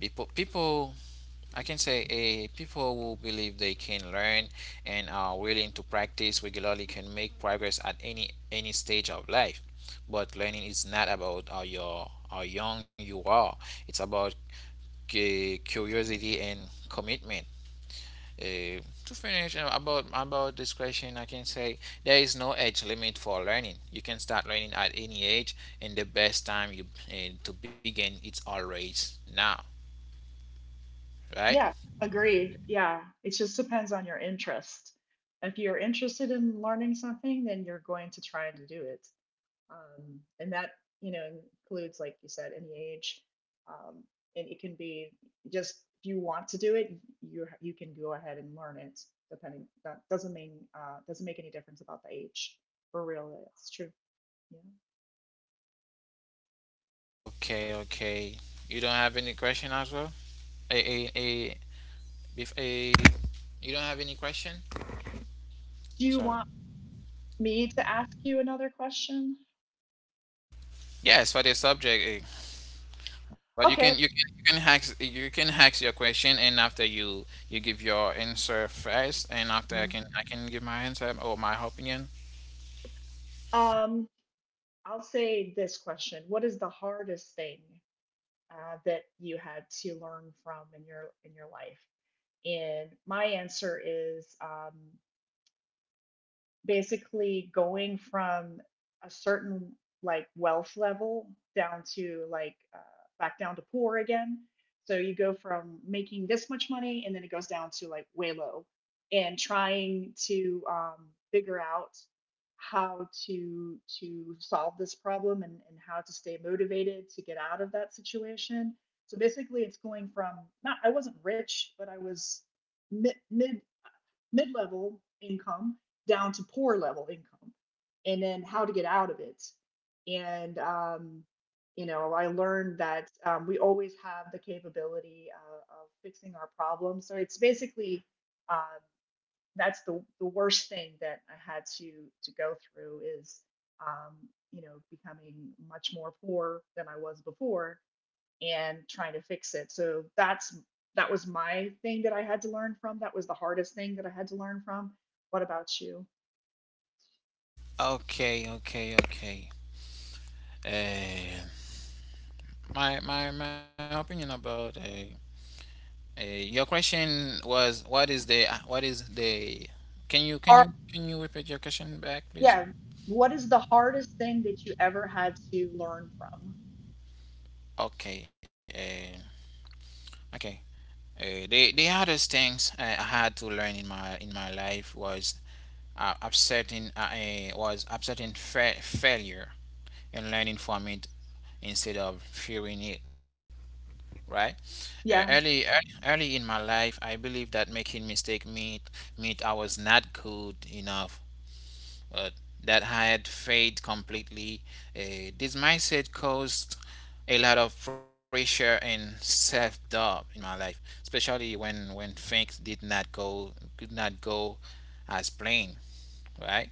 S1: People, people, I can say, people who believe they can learn and are willing to practice regularly can make progress at any stage of life. But learning is not about how young you are. It's about curiosity and commitment. To finish about this question, I can say there is no age limit for learning. You can start learning at any age, and the best time you to begin it's always now, right?
S2: Yeah, agreed. Yeah, it just depends on your interest. If you're interested in learning something, then you're going to try to do it. And that, you know, includes, like you said, any age. Um, and it can be just if you want to do it, you can go ahead and learn it. Depending, that doesn't mean doesn't make any difference about the age. For real, that's true. Yeah.
S1: Okay, okay. You don't have any question as well? A a a, a You don't have any question?
S2: Do you
S1: So
S2: want me to ask you another question?
S1: yes, for the subject, but
S2: Okay.
S1: you can hack your question, and after you give your answer first, and after
S2: Mhm.
S1: I can give my answer or my opinion.
S2: Um, I'll say this question: what is the hardest thing that you had to learn from in your life? And my answer is basically going from a certain, like, wealth level down to, like, back down to poor again. So you go from making this much money and then it goes down to, like, way low and trying to figure out how to solve this problem, and how to stay motivated to get out of that situation. So basically it's going from not I wasn't rich, but I was mid mid mid level income down to poor level income, and then how to get out of it. And I learned that we always have the capability of fixing our problems. So it's basically um, that's the worst thing that I had to go through is um, becoming much more poor than I was before, and trying to fix it. So that was my thing that I had to learn from. That was the hardest thing that I had to learn from. What about you?
S1: Okay, okay, okay. Uh, my opinion about your question was. What is the can you can
S2: Or
S1: you can you repeat your question back, please?
S2: yeah, what is the hardest thing that you ever had to learn from?
S1: Okay, okay. The hardest things I had to learn in my life was upsetting failure and learning from it instead of fearing it, right? Uh, early,
S2: Yeah,
S1: early, Early in my life, I believe that making mistake meant I was not good enough, but that I had failed completely. This mindset caused a lot of pressure and self-doubt in my life, especially when things did not go could not go as planned, right?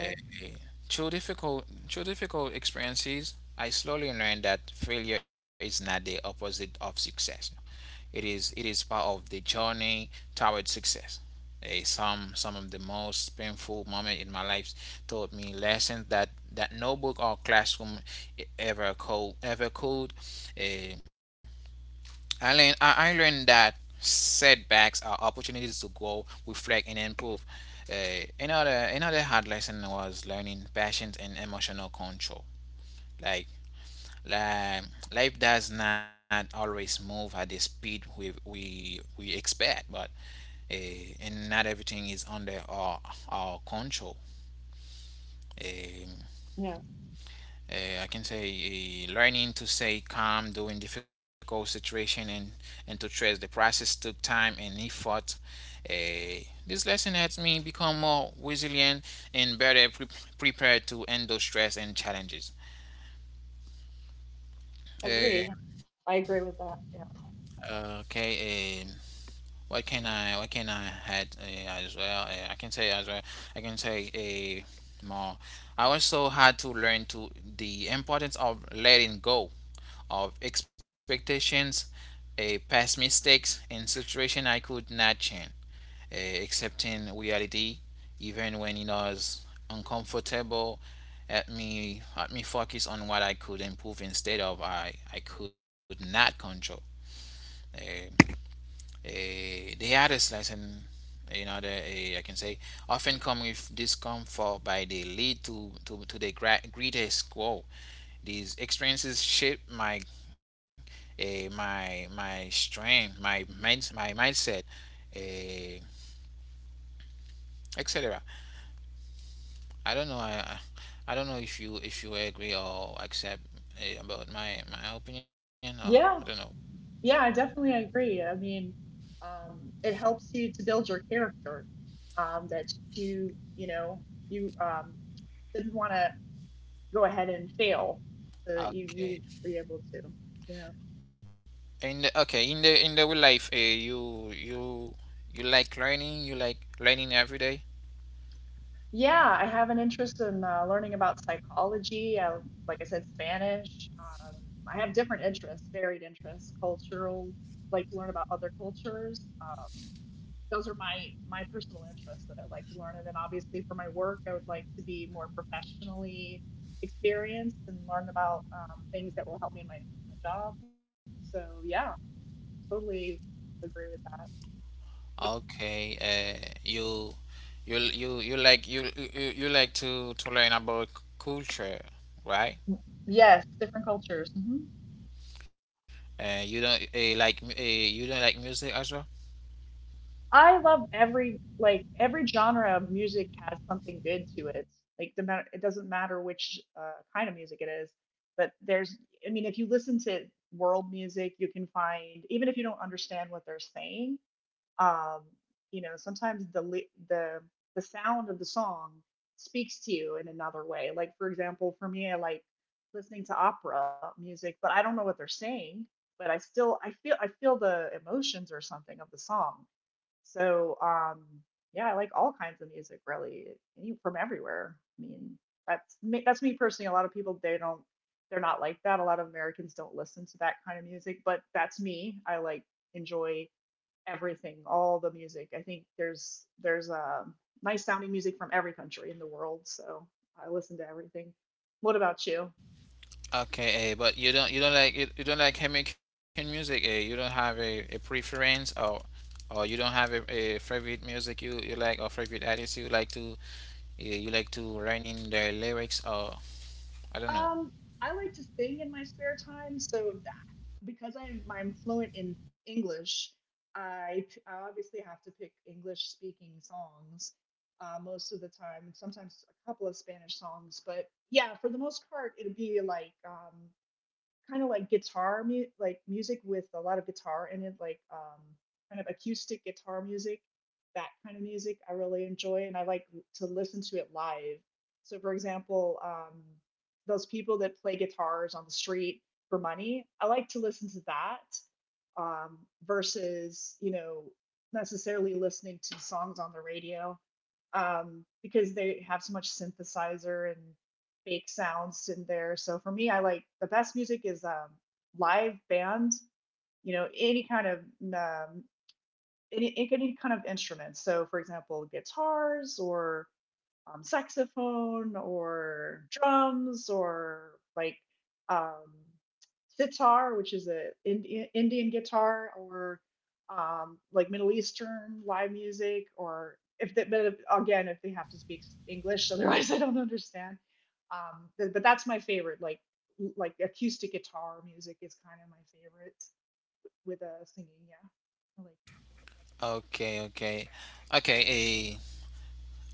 S1: Uh, uh, Through difficult experiences, I slowly learned that failure is not the opposite of success. It is part of the journey toward success. Some of the most painful moments in my life taught me lessons that no book or classroom ever could. Eh, I learned that setbacks are opportunities to grow, reflect, and improve. Another hard lesson was learning patience and emotional control. Like like, life does not always move at the speed we expect, but and not everything is under our control. Um,
S2: Yeah,
S1: I can say learning to stay calm during difficult situation and to trust the process took time and effort. This lesson helps me become more resilient and better prepared to handle stress and challenges. Uh,
S2: agreed. I agree with that. Yeah.
S1: okay. What can I add as well? I can say as well. I can say a more. I also had to learn to the importance of letting go of expectations, a past mistakes, and situation I could not change. Accepting reality, even when it was uncomfortable, at me focus on what I could improve instead of I could not control. Um, the hardest lesson, I can say, often come with discomfort, by they lead to the greatest growth. These experiences shape my strength, my mind, my mindset, eh, etc. I don't know. I don't know if you agree or accept about my opinion or I don't know.
S2: Yeah, yeah, I definitely agree. I mean, it helps you to build your character, that you, you didn't want to go ahead and fail, so you were
S1: Okay.
S2: able to you know
S1: In the real life, you like learning. You like learning every day.
S2: yeah I have an interest in learning about psychology. Like I said, Spanish. I have different interests, varied interests. Cultural, like to learn about other cultures. Those are my personal interests that I like to learn, and then obviously for my work I would like to be more professionally experienced and learn about things that will help me in my job. So yeah, totally agree with that.
S1: Okay, you you you like you you like to learn about culture, right?
S2: Yes, different cultures. Hmm.
S1: You don't like music as well.
S2: I love every genre of music has something good to it. Like, it doesn't matter which kind of music it is, but there's, I mean, if you listen to world music, you can find, even if you don't understand what they're saying. Um, sometimes the the sound of the song speaks to you in another way. Like, for example, for me, I like listening to opera music, but I don't know what they're saying, but I feel the emotions or something of the song. So, yeah, I like all kinds of music, really, from everywhere. I mean, that's me personally. A lot of people, they don't they're not like that. A lot of Americans don't listen to that kind of music, but that's me. I like enjoy everything, all the music. I think there's nice sounding music from every country in the world, so I listen to everything. What about you?
S1: Okay, but you don't like Jamaican music. You don't have a preference or you don't have a favorite music you like or favorite artist you like to. You like to write in the lyrics or I don't know.
S2: Um, I like to sing in my spare time, so that, because I'm fluent in English, I obviously have to pick English speaking songs most of the time, and sometimes a couple of Spanish songs. But yeah, for the most part, it'd be like, kind of like guitar like music with a lot of guitar in it, like, kind of acoustic guitar music. That kind of music I really enjoy, and I like to listen to it live. So, for example, those people that play guitars on the street for money, I like to listen to that, versus, necessarily listening to songs on the radio, because they have so much synthesizer and fake sounds in there. So for me, I like, the best music is, live band. Any kind of, um, any kind of instruments. So, for example, guitars, or saxophone, or drums, or like um, sitar, which is a Indian guitar, or like Middle Eastern live music, or if they, but again, if they have to speak English, otherwise I don't understand. But, that's my favorite, like acoustic guitar music is kind of my favorite with a singing. Yeah, I like
S1: Okay, okay, okay. A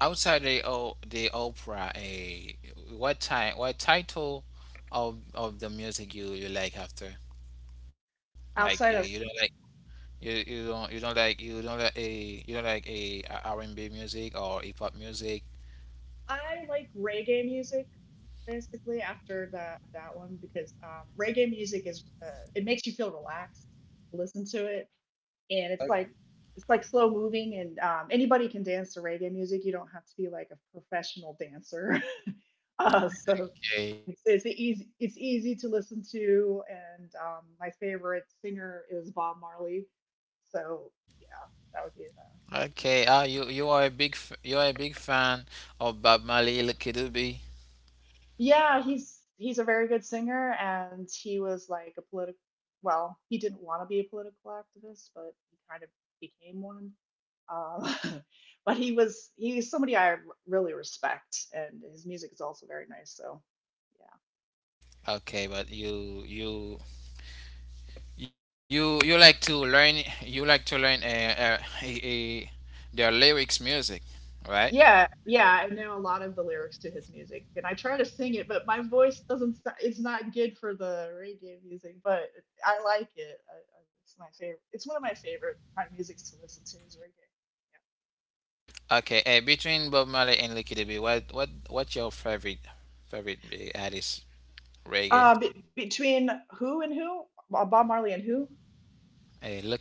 S1: Outside the opera. A What time? What title of the music you like after? Like a
S2: that.
S1: you don't
S2: Outside
S1: like
S2: of
S1: you you don't like a You don't like a R&B music or hip hop music.
S2: I like reggae music basically after that one because, reggae music is, it makes you feel relaxed. Listen to it, and it's like slow moving, and anybody can dance to reggae music. You don't have to be like a professional dancer. So
S1: A
S2: it's easy to listen to, and my favorite singer is Bob Marley. So yeah, that would be it.
S1: Okay. Ah, you are a big fan of Bob Marley, Lucky Dube.
S2: Yeah, he's a very good singer, and he was like a political. Well, he didn't want to be a political activist, but he kind of became one. Uh, but he's somebody I really respect, and his music is also very nice. So
S1: Okay, but you like to learn their lyrics music, right?
S2: yeah, yeah, yeah, I know a lot of the lyrics to his music, and I try to sing it, but my voice doesn't. It's not good for the reggae music, but I like it. It's my favorite. It's one of my favorite kind of musics to listen to is reggae.
S1: Okay, between Bob Marley and Lucky Dube, what's your favorite artist reggae?
S2: Between who and who? Bob Marley and who?
S1: Lucky Dube.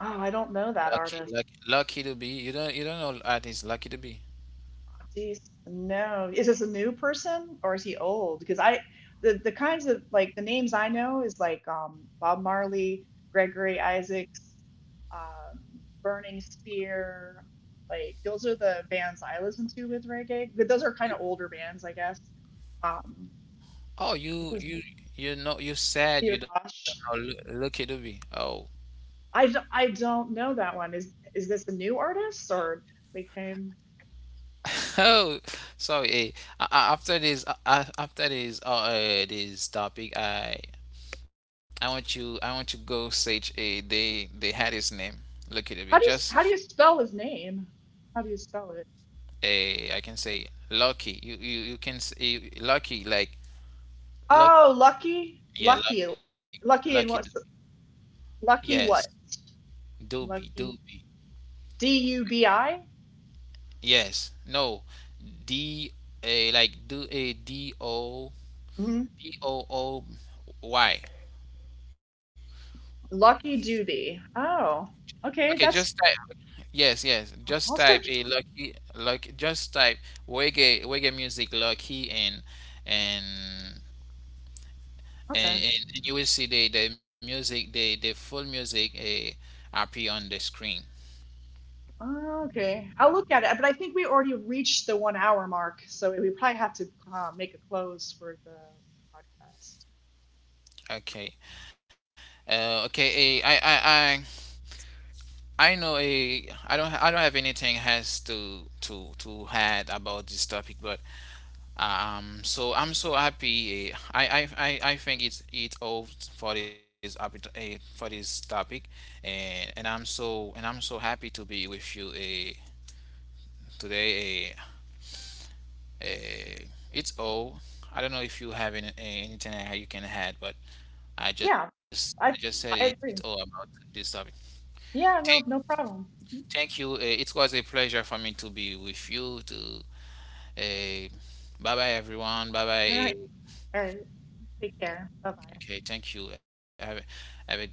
S2: Oh, I don't know that artist.
S1: Lucky Dube. You don't know artist Lucky Dube.
S2: Jeez, no. Is this a new person or is he old? Because I the kinds of, like, the names I know is like Bob Marley, Gregory Isaacs, um, Burning Spear. Like, those are the bands I listen to with reggae. But those are kind of older bands, I guess. Um,
S1: Oh,
S2: what was
S1: you know you said you
S2: Peter
S1: don't know
S2: Tosh?
S1: Lucky Dube. Oh.
S2: I don't know that one. Is this a new artist or they came?
S1: Oh, sorry. After this, this topic, I want you. I want you go search. A. They had his name. Look at it. Just
S2: How do you spell his name? How do you spell it?
S1: a. I can say lucky. You can say lucky like
S2: Oh,
S1: lucky.
S2: Lucky,
S1: Yeah,
S2: Lucky,
S1: lucky. Lucky. Dube.
S2: Lucky, and
S1: Yes.
S2: Lucky what?
S1: Doobie.
S2: Lucky
S1: Doobie.
S2: Dubi?
S1: Yes. No. D a like do a D O
S2: Mhm.
S1: D O O Y.
S2: Lucky Doobie. Oh,
S1: Okay. Just
S2: okay.
S1: type.
S2: That's
S1: Yes. Yes. Just type
S2: I'll
S1: a
S2: search it.
S1: lucky. Like just type reggae music lucky and
S2: Okay.
S1: and you will see the music the full music appear on the screen.
S2: Okay. I'll look at it, but I think we already reached the 1 hour mark, so we probably have to make a close for the podcast.
S1: Okay, okay, i I know, I don't have anything has to add about this topic, but so I'm so happy, I think it's all for this topic, and I'm so happy to be with you, today. Uh, it's all. I don't know if you have any, anything that you can add, but
S2: Yeah,
S1: I just said
S2: I
S1: it's
S2: I
S1: all
S2: agree.
S1: about this topic.
S2: Yeah, no,
S1: Thank,
S2: no problem. Mhm.
S1: Thank you. It was a pleasure for me to be with you. To uh, Bye bye, everyone. Bye
S2: All
S1: bye.
S2: right, all right. Take care. Bye bye.
S1: Okay, thank you. Have a good day.